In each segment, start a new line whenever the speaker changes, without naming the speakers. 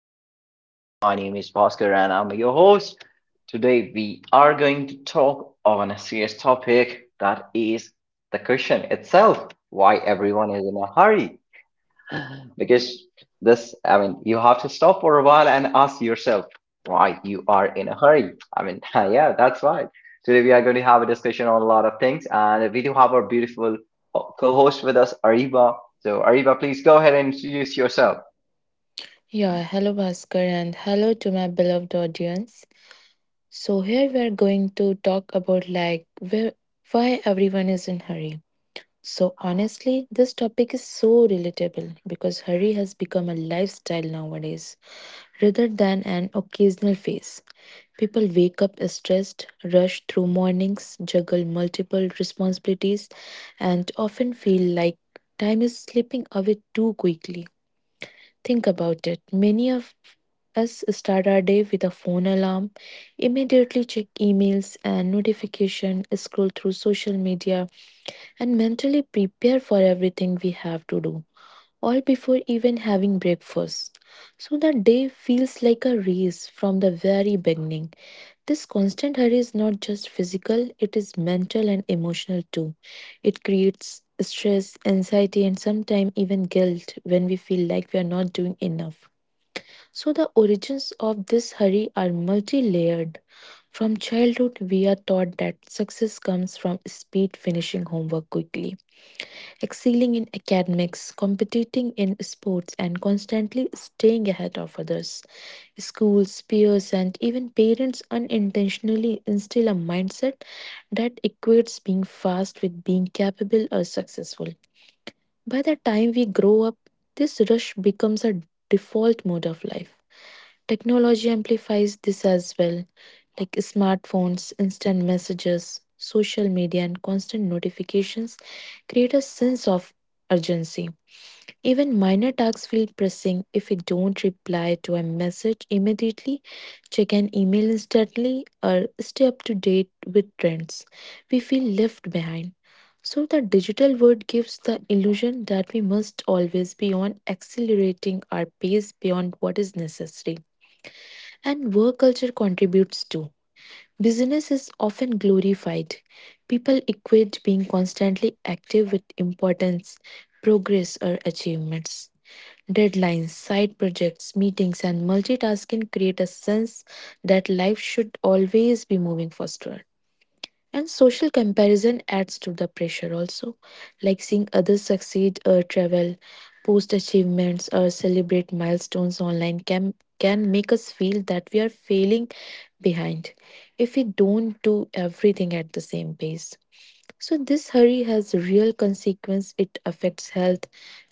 podcast. My name is Bhaskar, and I'm your host. Today, we are going to talk on a serious topic, that is the question itself, why everyone is in a hurry. Because this I mean you have to stop for a while and ask yourself why you are in a hurry. Yeah, that's right. Today we are going to have a discussion on a lot of things, and we do have our beautiful co-host with us, Ariba. So Ariba, please go ahead and introduce yourself.
Yeah, hello Bhaskar and hello to my beloved audience. So here we are going to talk about like where, why everyone is in hurry. So honestly, this topic is so relatable because hurry has become a lifestyle nowadays rather than an occasional phase. People wake up stressed, rush through mornings, juggle multiple responsibilities, and often feel like time is slipping away too quickly. Think about it. Many of us start our day with a phone alarm, immediately check emails and notification, scroll through social media, and mentally prepare for everything we have to do, all before even having breakfast. So the day feels like a race from the very beginning. This constant hurry is not just physical, it is mental and emotional too. It creates stress, anxiety, and sometimes even guilt when we feel like we are not doing enough. So, the origins of this hurry are multi layered. From childhood, we are taught that success comes from speed, finishing homework quickly, excelling in academics, competing in sports, and constantly staying ahead of others. Schools, peers, and even parents unintentionally instill a mindset that equates being fast with being capable or successful. By the time we grow up, this rush becomes a default mode of life. Technology amplifies this as well, like smartphones, instant messages, social media, and constant notifications create a sense of urgency. Even minor tasks feel pressing if you don't reply to a message immediately, check an email instantly, or stay up to date with trends. We feel left behind. So, the digital world gives the illusion that we must always be on accelerating our pace beyond what is necessary. And work culture contributes too. Business is often glorified. People equate being constantly active with importance, progress, or achievements. Deadlines, side projects, meetings, and multitasking create a sense that life should always be moving faster. And social comparison adds to the pressure also, like seeing others succeed or travel, post achievements, or celebrate milestones online can make us feel that we are failing behind if we don't do everything at the same pace. So this hurry has real consequence. It affects health,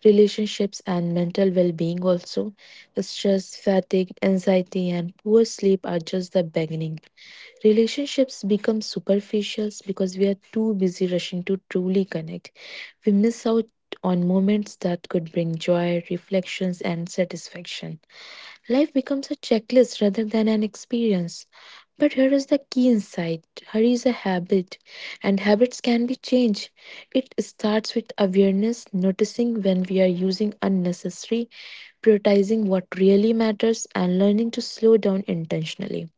relationships and mental well-being also. Stress, fatigue, anxiety and poor sleep are just the beginning. Relationships become superficial because we are too busy rushing to truly connect. We miss out on moments that could bring joy, reflections and satisfaction. Life becomes a checklist rather than an experience. But here is the key insight: hurry is a habit, and habits can be changed. It starts with awareness, noticing when we are using unnecessary, prioritizing what really matters, and learning to slow down intentionally.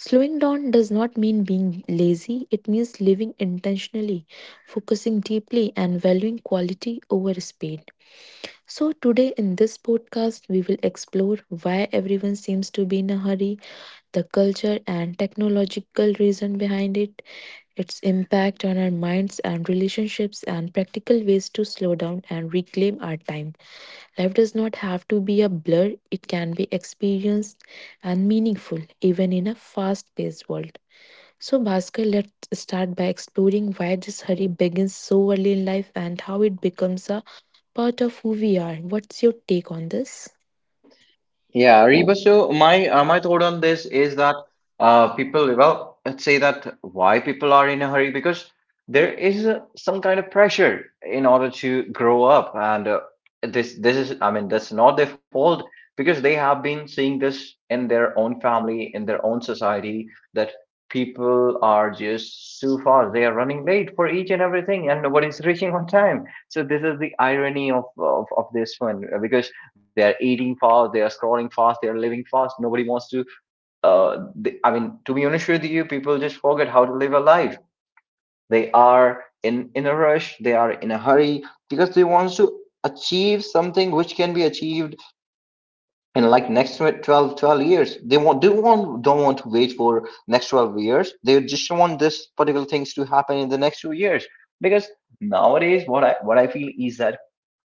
Slowing down does not mean being lazy, it means living intentionally, focusing deeply, and valuing quality over speed. So, today in this podcast, we will explore why everyone seems to be in a hurry, the culture and technological reason behind it, its impact on our minds and relationships, and practical ways to slow down and reclaim our time. Life does not have to be a blur, it can be experienced and meaningful, even in a fast paced world. So, Bhaskar, let's start by exploring why this hurry begins so early in life and how it becomes a part of who we are. What's your take on this?
Yeah, Reba. So my thought on this is that people, well, let's say that why people are in a hurry, because there is some kind of pressure in order to grow up, and this is, I mean, that's not their fault, because they have been seeing this in their own family, in their own society, that people are just too fast. They are running late for each and everything, and nobody's reaching on time. So this is the irony of this one, because they're eating fast, they're scrolling fast, they're living fast. Nobody wants to they, I mean to be honest with you, people just forget how to live a life. They are in a rush, they are in a hurry, because they want to achieve something which can be achieved in like next 12 12 years. They want they want don't want to wait for next 12 years. They just want this particular things to happen in the next 2 years, because nowadays what I feel is that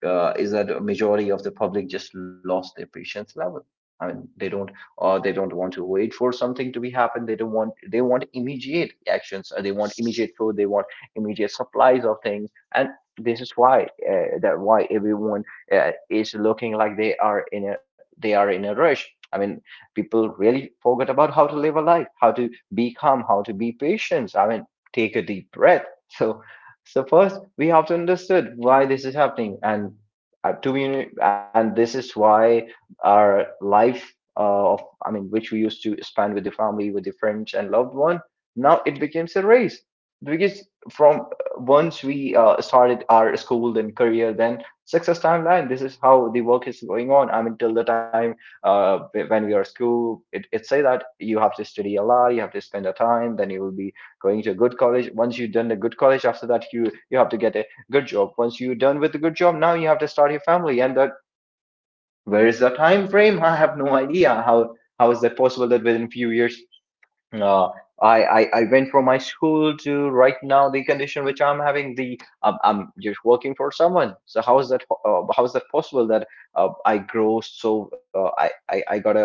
a majority of the public just lost their patience level. I mean, they don't, or they don't want to wait for something to be happen. They don't want, they want immediate actions, or they want immediate food, they want immediate supplies of things. And this is why everyone is looking like they are in a rush. I mean, people really forget about how to live a life, how to be calm, how to be patient. I mean, take a deep breath. So so first, we have to understand why this is happening. And to be and this is why our life of I mean, which we used to spend with the family, with the friends and loved one, now it becomes a race, because from once we started our school, then career, then success timeline, this is how the work is going on. I mean, till the time uh, when we are school, it say that you have to study a lot, you have to spend a time, then you will be going to a good college. Once you've done a good college, after that you have to get a good job. Once you're done with a good job, now you have to start your family. And that, where is the time frame? I have no idea how is that possible that within a few years, uh, I went from my school to right now, the condition which I'm having, I'm just working for someone. So how is that, how is that possible that I grow, so I got a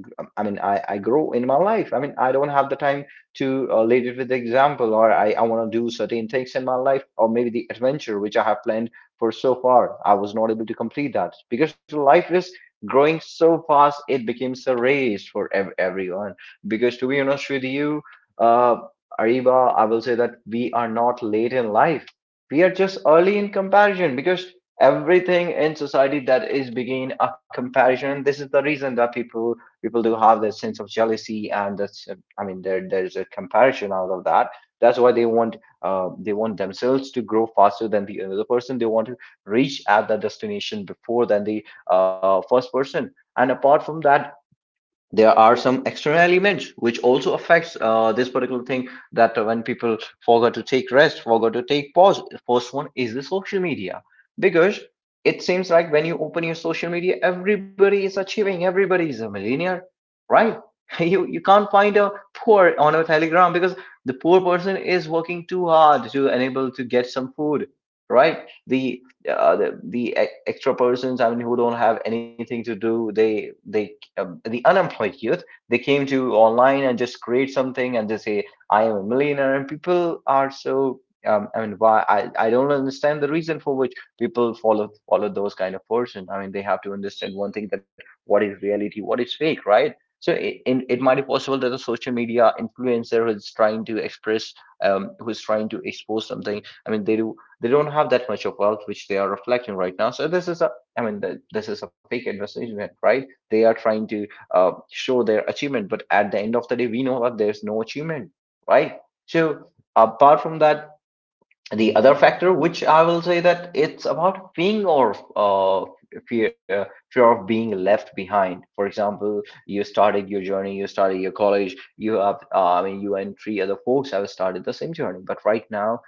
I mean, I grow in my life. I mean, I don't have the time to lead it with the example, or I want to do certain things in my life, or maybe the adventure which I have planned for so far. I was not able to complete that, because life is growing so fast, it becomes a race for everyone. Because to be honest with you, uh, Ariba, I will say that we are not late in life, we are just early in comparison, because everything in society, that is begin a comparison. This is the reason that people do have that sense of jealousy, and that's, I mean, there's a comparison out of that. That's why they want themselves to grow faster than the other person. They want to reach at that destination before than the first person. And apart from that, there are some external elements which also affects this particular thing, that when people forgot to take rest, forgot to take pause. First one is the social media, because it seems like when you open your social media, everybody is achieving, everybody is a millionaire, right? You can't find a poor on a telegram, because the poor person is working too hard to enable to get some food, right? The extra persons, I mean, who don't have anything to do, the unemployed youth, they came to online and just create something and just say, I am a millionaire. And people are so I mean, why, I don't understand the reason for which people follow those kind of person. I mean, they have to understand one thing, that what is reality, what is fake, right? So it, in, it might be possible that a social media influencer who's trying to express, who's trying to expose something, I mean, they do, they don't have that much of wealth which they are reflecting right now. So this is a, I mean, this is a fake advertisement, right? They are trying to show their achievement, but at the end of the day we know that there's no achievement, right? So apart from that, the other factor which I will say, that it's about being or uh, fear uh, fear of being left behind. For example, you started your journey, you started your college, you have, I mean, you and three other folks have started the same journey. But right now,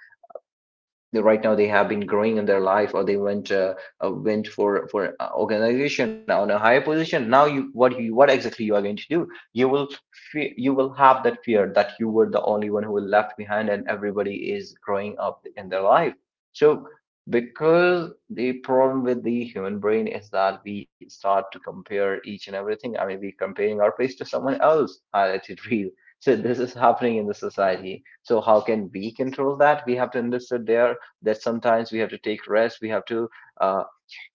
right now they have been growing in their life, or they went for a organization on a higher position. Now you, what you, what exactly you are going to do? You will you will have that fear that you were the only one who was left behind, and everybody is growing up in their life. So, because the problem with the human brain is that we start to compare each and everything. I mean, we comparing our face to someone else highlighted real. So this is happening in the society. So how can we control that? We have to understand their, that sometimes we have to take rest, we have to uh,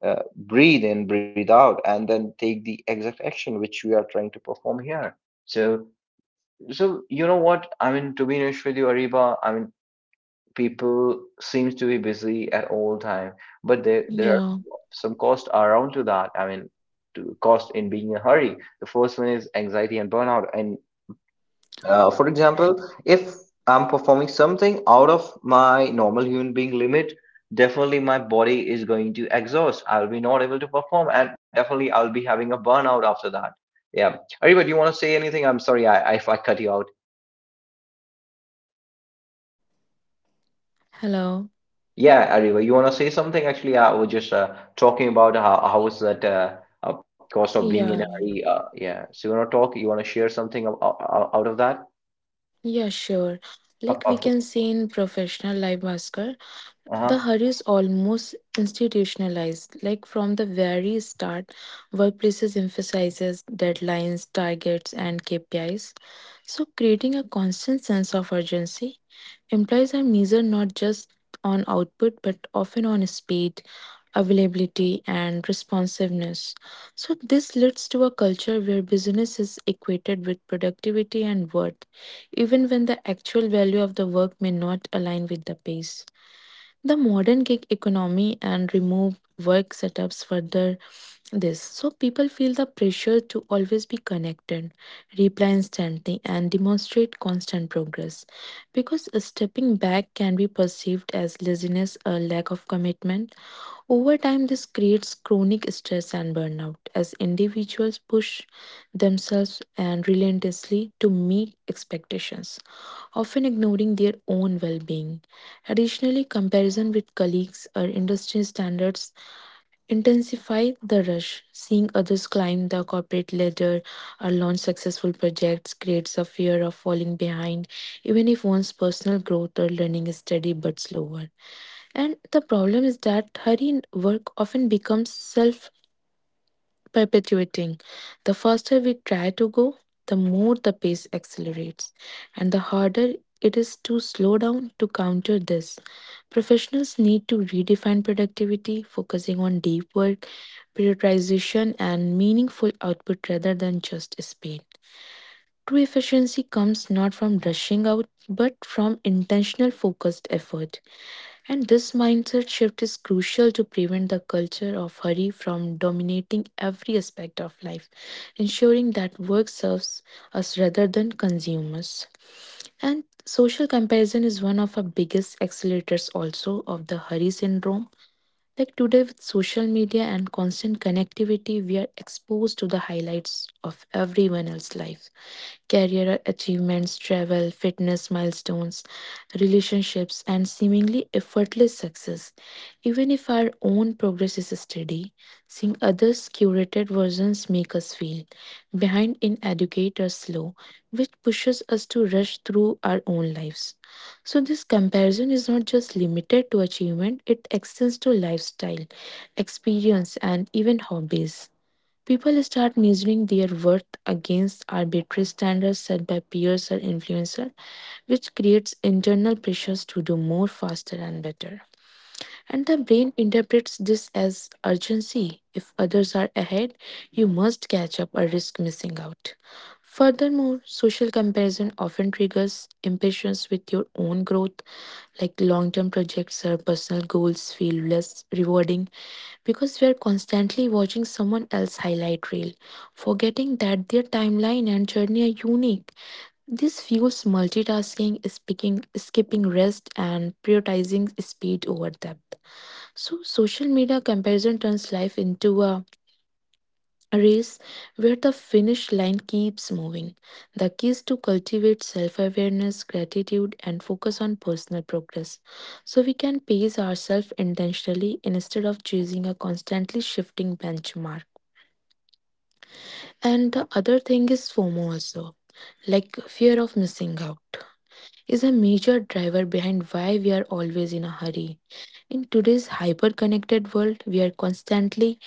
uh, breathe in, breathe out, and then take the exact action which we are trying to perform here. So so you know what I mean? To be honest with you, Ariba, I mean, people seems to be busy at all time, but there are
Yeah.
some costs around to that. I mean, to cost in being in a hurry, the first one is anxiety and burnout. And for example, if I'm performing something out of my normal human being limit, definitely my body is going to exhaust. I'll be not able to perform, and definitely I'll be having a burnout after that. Yeah. Ariba, do you want to say anything? I'm sorry, if I cut you out.
Hello.
Yeah, Ariba, you want to say something? Actually, I was just talking about how was that, cost of being in a
Yeah.
hurry. Yeah. So you want to talk? You want to share something out, out of that?
Yeah, sure. Like we
Perfect.
can see in professional life, Bhaskar, the
Uh-huh.
hurry is almost institutionalized. Like from the very start, workplaces emphasizes deadlines, targets, and KPIs. So creating a constant sense of urgency. Employees are measured not just on output but often on speed, availability, and responsiveness. So, this leads to a culture where business is equated with productivity and worth, even when the actual value of the work may not align with the pace. The modern gig economy and remote work setups further this. So people feel the pressure to always be connected, reply instantly, and demonstrate constant progress. Because stepping back can be perceived as laziness or lack of commitment. Over time, this creates chronic stress and burnout as individuals push themselves and relentlessly to meet expectations, often ignoring their own well being. Additionally, comparison with colleagues or industry standards intensify the rush. Seeing others climb the corporate ladder or launch successful projects creates a fear of falling behind, even if one's personal growth or learning is steady but slower. And the problem is that hurry in work often becomes self perpetuating. The faster we try to go, the more the pace accelerates, and the harder it is to slow down to counter this. Professionals need to redefine productivity, focusing on deep work, prioritization, and meaningful output rather than just speed. True efficiency comes not from rushing out, but from intentional focused effort. And this mindset shift is crucial to prevent the culture of hurry from dominating every aspect of life, ensuring that work serves us rather than consumers. And social comparison is one of our biggest accelerators also of the hurry syndrome. Like today, with social media and constant connectivity, we are exposed to the highlights of everyone else's life, career achievements, travel, fitness milestones, relationships, and seemingly effortless success. Even if our own progress is steady, seeing others' curated versions make us feel behind in educate or slow, which pushes us to rush through our own lives. So this comparison is not just limited to achievement, it extends to lifestyle, experience, and even hobbies. People start measuring their worth against arbitrary standards set by peers or influencers, which creates internal pressures to do more faster and better. And the brain interprets this as urgency. If others are ahead, you must catch up or risk missing out. Furthermore, social comparison often triggers impatience with your own growth like long term projects or personal goals feel less rewarding because we are constantly watching someone else highlight reel, forgetting that their timeline and journey are unique. This fuels multitasking, speaking, skipping rest, and prioritizing speed over depth. So, social media comparison turns life into a race where the finish line keeps moving. The key is to cultivate self awareness, gratitude, and focus on personal progress. So we can pace ourselves intentionally instead of chasing a constantly shifting benchmark. And the other thing is FOMO also, like fear of missing out, is a major driver behind why we are always in a hurry. In today's hyper connected world, we are constantly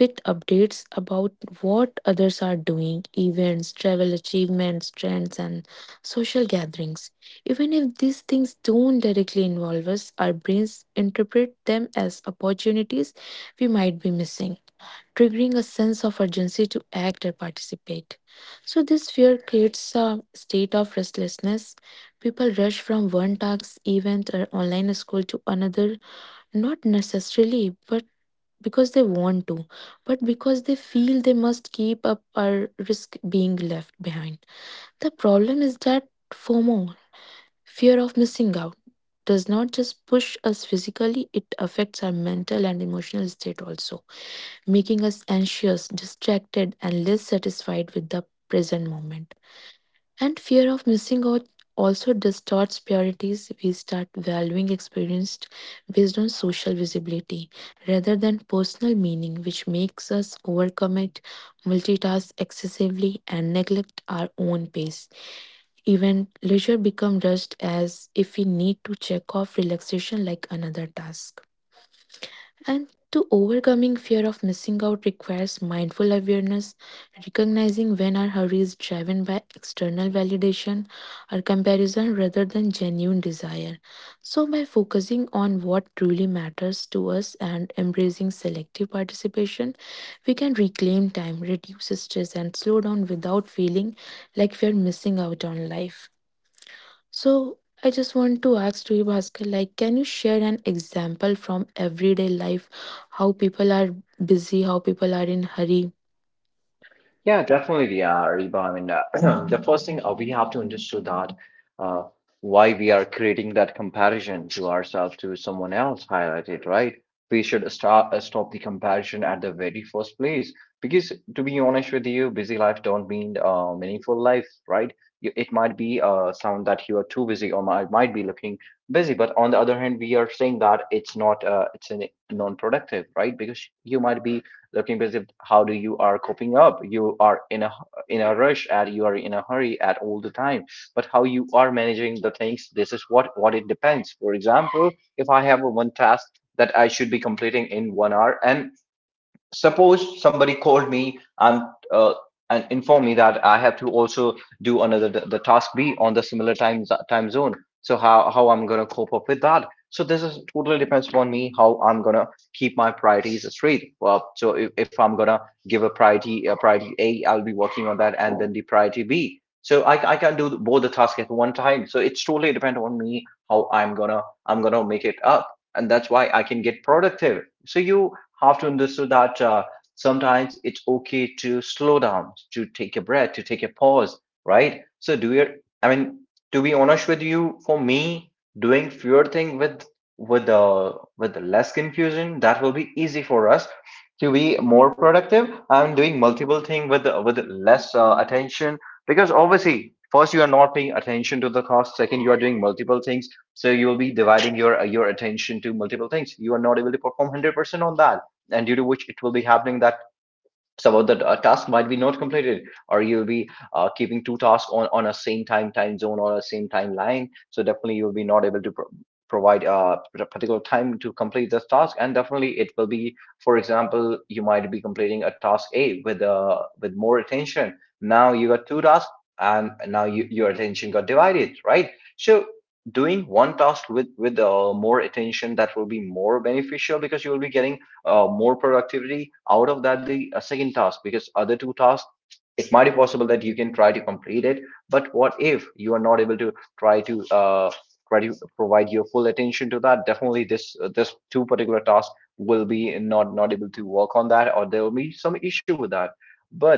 with updates about what others are doing, events, travel achievements, trends, and social gatherings. Even if these things don't directly involve us, our brains interpret them as opportunities we might be missing, triggering a sense of urgency to act or participate. So, this fear creates a state of restlessness. People rush from one task, event, or online school to another, not necessarily, but because they want to, but because they feel they must keep up or risk being left behind. The problem is that FOMO, fear of missing out, does not just push us physically, it affects our mental and emotional state also, making us anxious, distracted, and less satisfied with the present moment. And fear of missing out also distorts priorities. We start valuing experience based on social visibility rather than personal meaning, which makes us overcommit, multitask excessively, and neglect our own pace. Even leisure becomes rushed as if we need to check off relaxation like another task. And to overcoming fear of missing out requires mindful awareness, recognizing when our hurry is driven by external validation or comparison rather than genuine desire. So, by focusing on what truly matters to us and embracing selective participation, we can reclaim time, reduce stress, and slow down without feeling like we are missing out on life. So I just want to ask to you, Bhaskar, like, can you share an example from everyday life, how people are busy, how people are in hurry?
Yeah, definitely we are, Reba. I mean, the first thing, we have to understand that uh, why we are creating that comparison to ourselves to someone else highlighted, right? We should start, stop the comparison at the very first place, because to be honest with you, busy life don't mean meaningful life, right? You, it might be sound that you are too busy, or might be looking busy. But on the other hand, we are saying that it's not, it's an non-productive, right? Because you might be looking busy, how do you are coping up, you are in a rush, and you are in a hurry at all the time. But how you are managing the things, this is what it depends. For example, if I have a one task that I should be completing in 1 hour, and suppose somebody called me and, uh, and informed me that I have to also do another the task B on the similar time zone. So how I'm gonna cope up with that? So this is totally depends upon me, how I'm gonna keep my priorities straight. Well, so if I'm gonna give a priority A, I'll be working on that, and then the priority B. So I can do both the tasks at one time. So it's totally depend on me how I'm gonna make it up, and that's why I can get productive. So you have to understand that sometimes it's okay to slow down, to take a breath, to take a pause, right? So I mean, to be honest with you, for me, doing fewer thing with less confusion, that will be easy for us to be more productive. I'm doing multiple thing with less attention because obviously, first you are not paying attention to the task. Second, you are doing multiple things, so you will be dividing your attention to multiple things. You are not able to perform 100% on that, and due to which it will be happening that some of the task might be not completed, or you'll be keeping two tasks on a same time zone or a same timeline. So definitely you'll be not able to provide a particular time to complete this task, and definitely it will be, for example, you might be completing a task a with more attention. Now you got two tasks, and now your attention got divided, right? So doing one task with more attention, that will be more beneficial because you will be getting more productivity out of that the second task, because other two tasks, it might be possible that you can try to complete it, but what if you are not able to try to try to provide your full attention to that? Definitely this two particular tasks will be not able to work on that, or there will be some issue with that. But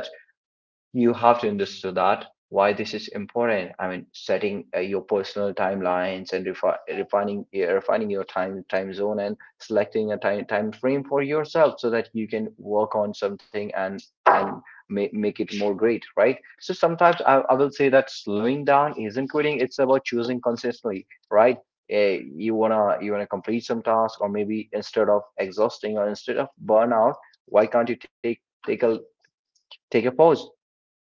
you have to understand that why this is important. I mean, setting your personal timelines and refining refining your time zone and selecting a time frame for yourself so that you can work on something and make it more great, right? So sometimes I will say that slowing down isn't quitting; it's about choosing consistently, right? You wanna complete some task, or maybe instead of exhausting or instead of burnout, why can't you take a pause?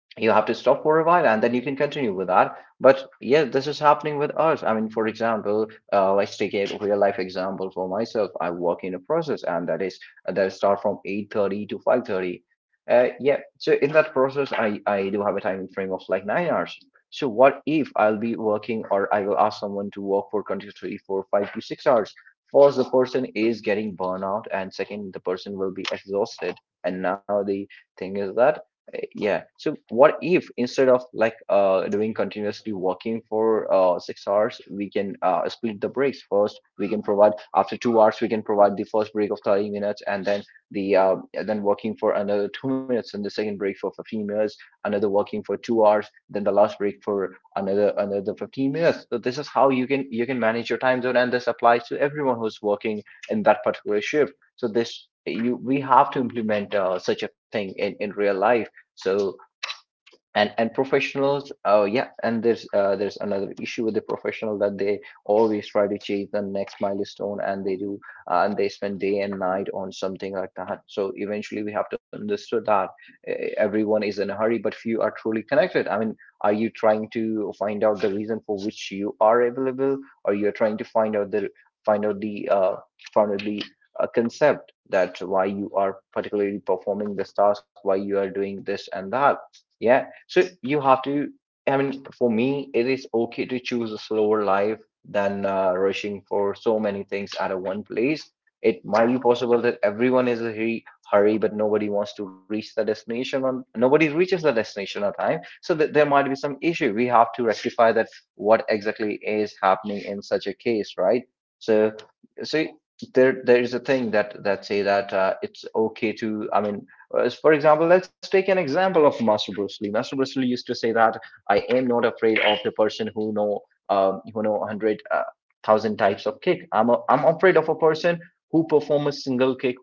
You have to stop for a while, and then you can continue with that. But yeah, this is happening with us. I mean, for example, let's take a real life example. For myself, I work in a process, and that is that start from 8:30 to 5:30. Yeah, so in that process, I do have a timing frame of like 9 hours. So what if I'll be working, or I will ask someone to work for continuously for 5 to 6 hours? First, the person is getting burnout, and second, the person will be exhausted. And now the thing is that, yeah. So what if, instead of like doing continuously working for 6 hours, we can split the breaks first. We can provide, after 2 hours, we can provide the first break of 30 minutes, and then the and then working for another 2 minutes, and the second break for 15 minutes, another working for 2 hours, then the last break for another 15 minutes. So this is how you can manage your time zone, and this applies to everyone who's working in that particular shift. So this you we have to implement such a thing in real life. So and professionals, yeah. And there's another issue with the professional that they always try to chase the next milestone, and they do and they spend day and night on something like that. So eventually we have to understand that everyone is in a hurry, but few are truly connected. I mean, are you trying to find out the reason for which you are available, or you're trying to find out the find out the find out the concept that why you are particularly performing this task, why you are doing this and that? Yeah. So you have to, I mean, for me, it is okay to choose a slower life than rushing for so many things at a one place. It might be possible that everyone is in a hurry, but nobody wants to reach the destination nobody reaches the destination on time. So that there might be some issue. We have to rectify that what exactly is happening in such a case, right? So, so, there is a thing that say that it's okay to, I mean, for example, let's take an example of Master Bruce Lee. Master Bruce Lee used to say that I am not afraid of the person who know one hundred thousand types of kick. I'm afraid of a person who perform a single kick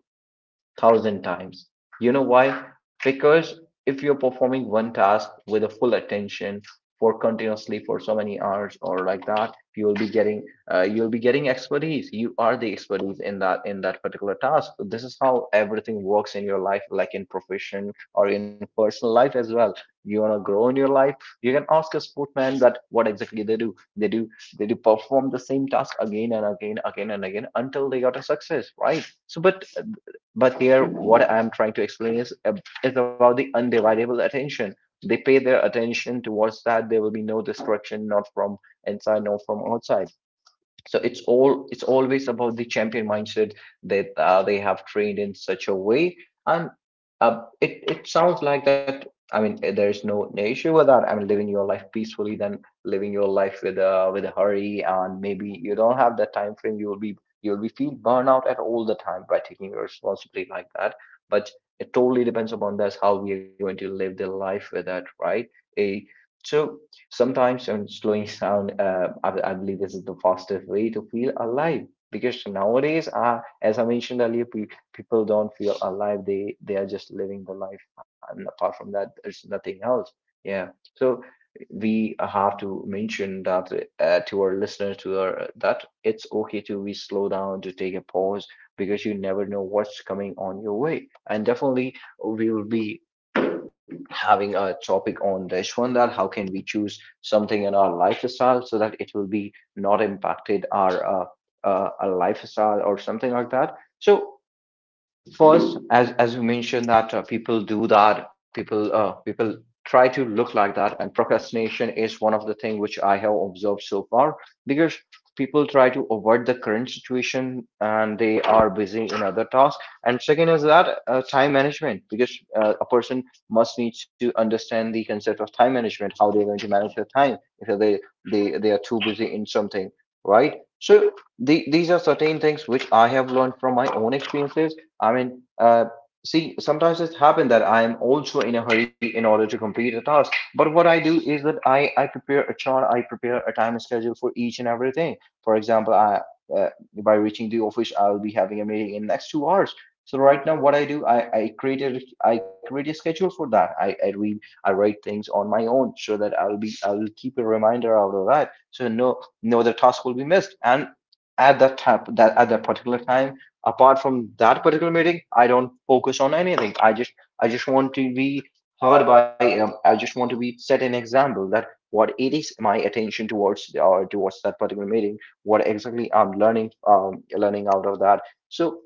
thousand times. You know why? Because if you're performing one task with a full attention for continuously for so many hours or like that, you'll be getting expertise. You are the expertise in that particular task. This is how everything works in your life, like in profession or in personal life as well. You want to grow in your life, you can ask a sportman that what exactly they do. They do perform the same task again and again, again and again, until they got a success, right? So, but here, what I'm trying to explain is about the undividable attention. They pay their attention towards that. There will be no distraction, not from inside, nor from outside. So it's always about the champion mindset that they have trained in such a way. And it sounds like that. I mean, there's no issue with that. I mean, living your life peacefully than living your life with a hurry, and maybe you don't have that time frame. You'll be feel burnout at all the time by taking your responsibility like that. But it totally depends upon us how we are going to live the life with that, right? A so Sometimes, I mean, slowing down, I believe this is the fastest way to feel alive. Because nowadays, as I mentioned earlier, pe people don't feel alive. They are just living the life, and apart from that, there's nothing else. Yeah. So we have to mention that to our listeners, to our that it's okay to be slow down, to take a pause, because you never know what's coming on your way. And definitely, we will be having a topic on this one that how can we choose something in our lifestyle so that it will be not impacted our lifestyle or something like that. So first, as you mentioned that people do that, people try to look like that, and procrastination is one of the thing which I have observed so far because people try to avoid the current situation, and they are busy in other tasks. And second is that time management, because a person must need to understand the concept of time management, how they're going to manage their time if they are too busy in something, right? So these are certain things which I have learned from my own experiences. I mean, see, sometimes it's happened that I am also in a hurry in order to complete a task. But what I do is that I prepare a chart, I prepare a time schedule for each and everything. For example, uh, by reaching the office, I'll be having a meeting in next 2 hours. So right now, what I do, I create a schedule for that. I write things on my own so that I'll keep a reminder out of that. So no other task will be missed. And at that particular time, apart from that particular meeting, I don't focus on anything. I just want to be heard by I just want to be set an example that what it is my attention towards towards that particular meeting, what exactly I'm learning out of that. So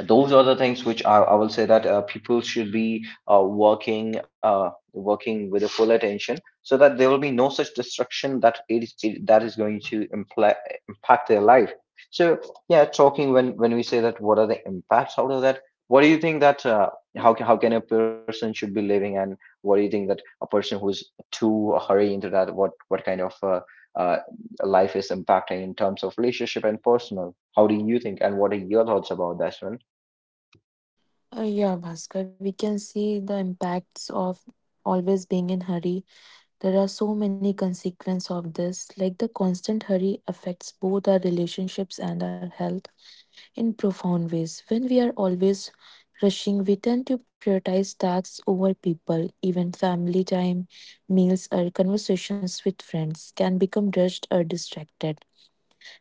those are the things which I will say that people should be working with a full attention so that there will be no such destruction, that is going to impact their life. So yeah, talking, when we say that, what are the impacts out of that? What do you think that how can a person should be living, and what do you think that a person who is too hurry into that, what kind of uh, life is impacting in terms of relationship and personal? How do you think, and what are your thoughts about that?
Yeah, Bhaskar, we can see the impacts of always being in hurry. There are so many consequences of this. Like the constant hurry affects both our relationships and our health, in profound ways. When we are always rushing, we tend to prioritize tasks over people. Even family time, meals, or conversations with friends can become rushed or distracted,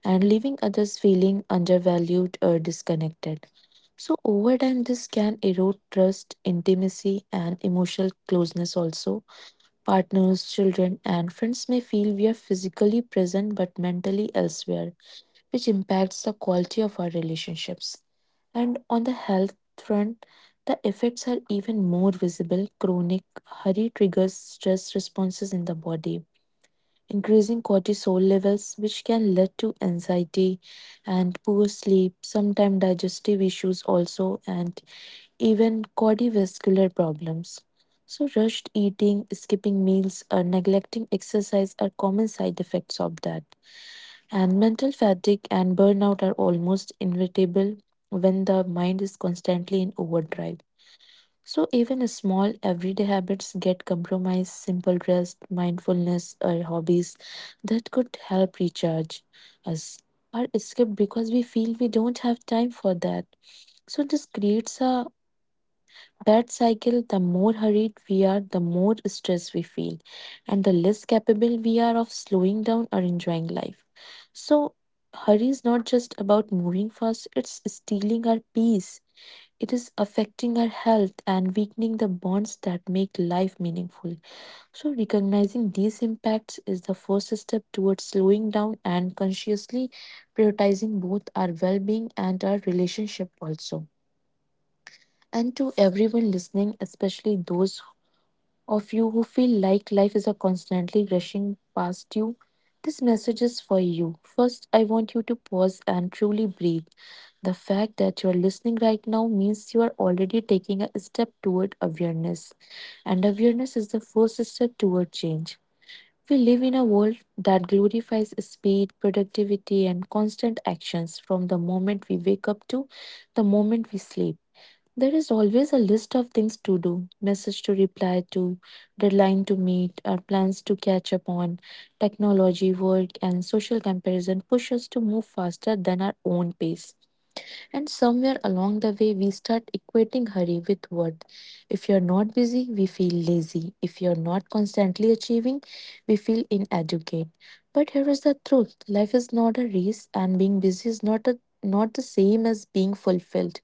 and leaving others feeling undervalued or disconnected. So, over time, this can erode trust, intimacy, and emotional closeness also. Partners, children, and friends may feel we are physically present but mentally elsewhere, which impacts the quality of our relationships. And on the health front, the effects are even more visible. Chronic hurry triggers stress responses in the body, increasing cortisol levels, which can lead to anxiety and poor sleep, sometimes digestive issues also, and even cardiovascular problems. So, rushed eating, skipping meals, or neglecting exercise are common side effects of that. And mental fatigue and burnout are almost inevitable when the mind is constantly in overdrive. So, even small everyday habits get compromised, simple rest, mindfulness, or hobbies that could help recharge us are skipped because we feel we don't have time for that. So, this creates a that cycle. The more hurried we are, the more stress we feel, and the less capable we are of slowing down or enjoying life. So, hurry is not just about moving fast, it's stealing our peace. It is affecting our health and weakening the bonds that make life meaningful. So, recognizing these impacts is the first step towards slowing down and consciously prioritizing both our well being and our relationship also. And to everyone listening, especially those of you who feel like life is a constantly rushing past you, this message is for you. First, I want you to pause and truly breathe. The fact that you're listening right now means you are already taking a step toward awareness. And awareness is the first step toward change. We live in a world that glorifies speed, productivity, and constant actions from the moment we wake up to the moment we sleep. There is always a list of things to do, message to reply to, deadline to meet, or plans to catch up on. Technology, work, and social comparison push us to move faster than our own pace. And somewhere along the way, we start equating hurry with worth. If you're not busy, we feel lazy. If you're not constantly achieving, we feel inadequate. But here is the truth: life is not a race, and being busy is not the same as being fulfilled.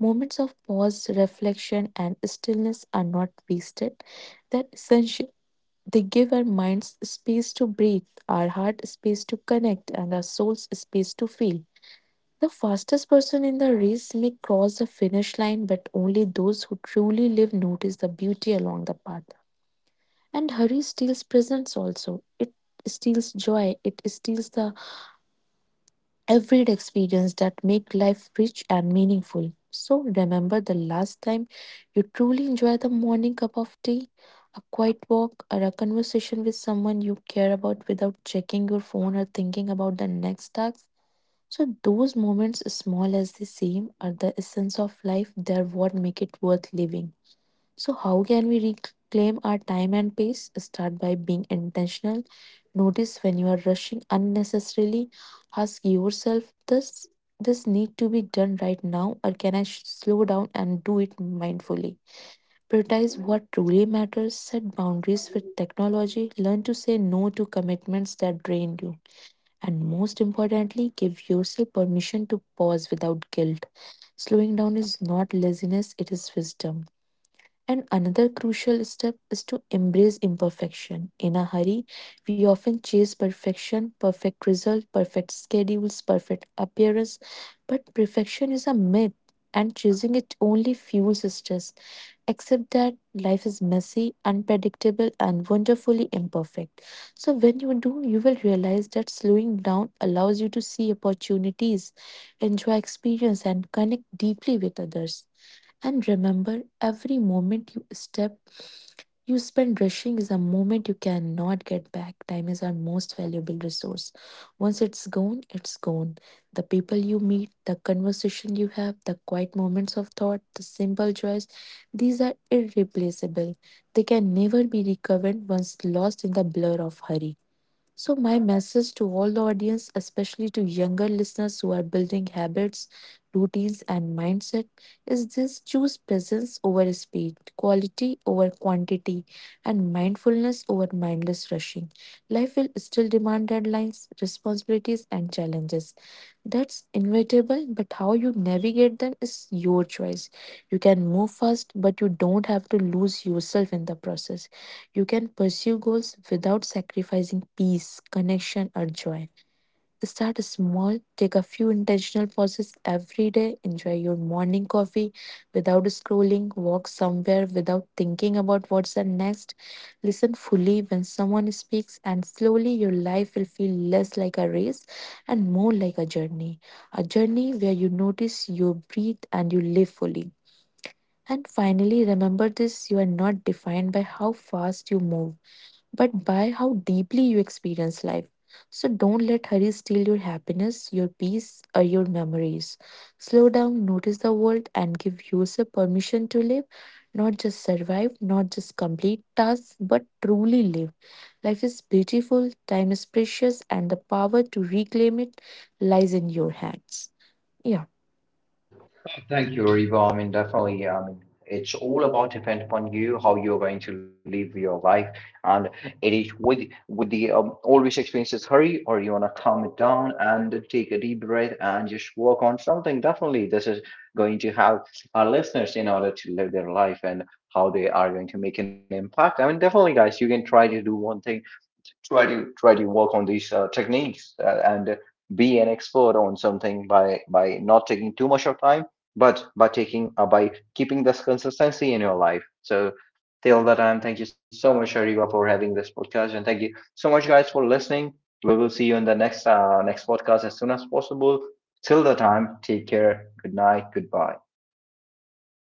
Moments of pause, reflection, and stillness are not wasted. They're essential. They give our minds space to breathe, our heart space to connect, and our souls space to feel. The fastest person in the race may cross the finish line, but only those who truly live notice the beauty along the path. And hurry steals presence also. It steals joy. It steals the everyday experience that make life rich and meaningful. So remember the last time you truly enjoyed the morning cup of tea, a quiet walk, or a conversation with someone you care about without checking your phone or thinking about the next task. So those moments, small as they seem, are the essence of life. They're what make it worth living. So, how can we reclaim our time and pace? Start by being intentional. Notice when you are rushing unnecessarily. Ask yourself, does this need to be done right now, or can I slow down and do it mindfully? Prioritize what truly matters. Set boundaries with technology. Learn to say no to commitments that drain you. And most importantly, give yourself permission to pause without guilt. Slowing down is not laziness, it is wisdom. And another crucial step is to embrace imperfection. In a hurry, we often chase perfection, perfect result, perfect schedules, perfect appearance, but perfection is a myth and chasing it only fuels stress. Accept that life is messy, unpredictable, and wonderfully imperfect. So, when you do, you will realize that slowing down allows you to see opportunities, enjoy experience, and connect deeply with others. And remember, every you spend rushing is a moment you cannot get back. Time is our most valuable resource. Once it's gone, it's gone. The people you meet, the conversation you have, the quiet moments of thought, the simple joys, these are irreplaceable. They can never be recovered once lost in the blur of hurry. So, my message to all the audience, especially to younger listeners who are building habits, routines, and mindset, is this: choose presence over speed, quality over quantity, and mindfulness over mindless rushing. Life will still demand deadlines, responsibilities, and challenges. That's inevitable, but how you navigate them is your choice. You can move fast, but you don't have to lose yourself in the process. You can pursue goals without sacrificing peace, connection, or joy. Start small, take a few intentional pauses every day, enjoy your morning coffee without scrolling, walk somewhere without thinking about what's the next, listen fully when someone speaks, and slowly your life will feel less like a race and more like a journey. A journey where you notice, you breathe, and you live fully. And finally, remember this: you are not defined by how fast you move but by how deeply you experience life. So don't let hurry steal your happiness, your peace, or your memories. Slow down, notice the world, and give yourself permission to live, not just survive, not just complete tasks, but truly live. Life is beautiful, time is precious, and the power to reclaim it lies in your hands. Yeah.
Thank you, Riva. I mean, definitely. I mean, it's all about depend upon you how you're going to live your life, and it is with the always experiences hurry, or you wanna calm it down and take a deep breath and just work on something. Definitely, this is going to help our listeners in order to live their life and how they are going to make an impact. I mean, definitely, guys, you can try to do one thing, try to work on these techniques, and be an expert on something by not taking too much of time, but by keeping this consistency in your life. So till that time, thank you so much, Ariba, for having this podcast, and thank you so much, guys, for listening. We will see you in the next next podcast as soon as possible. Till the time, take care, good night, goodbye.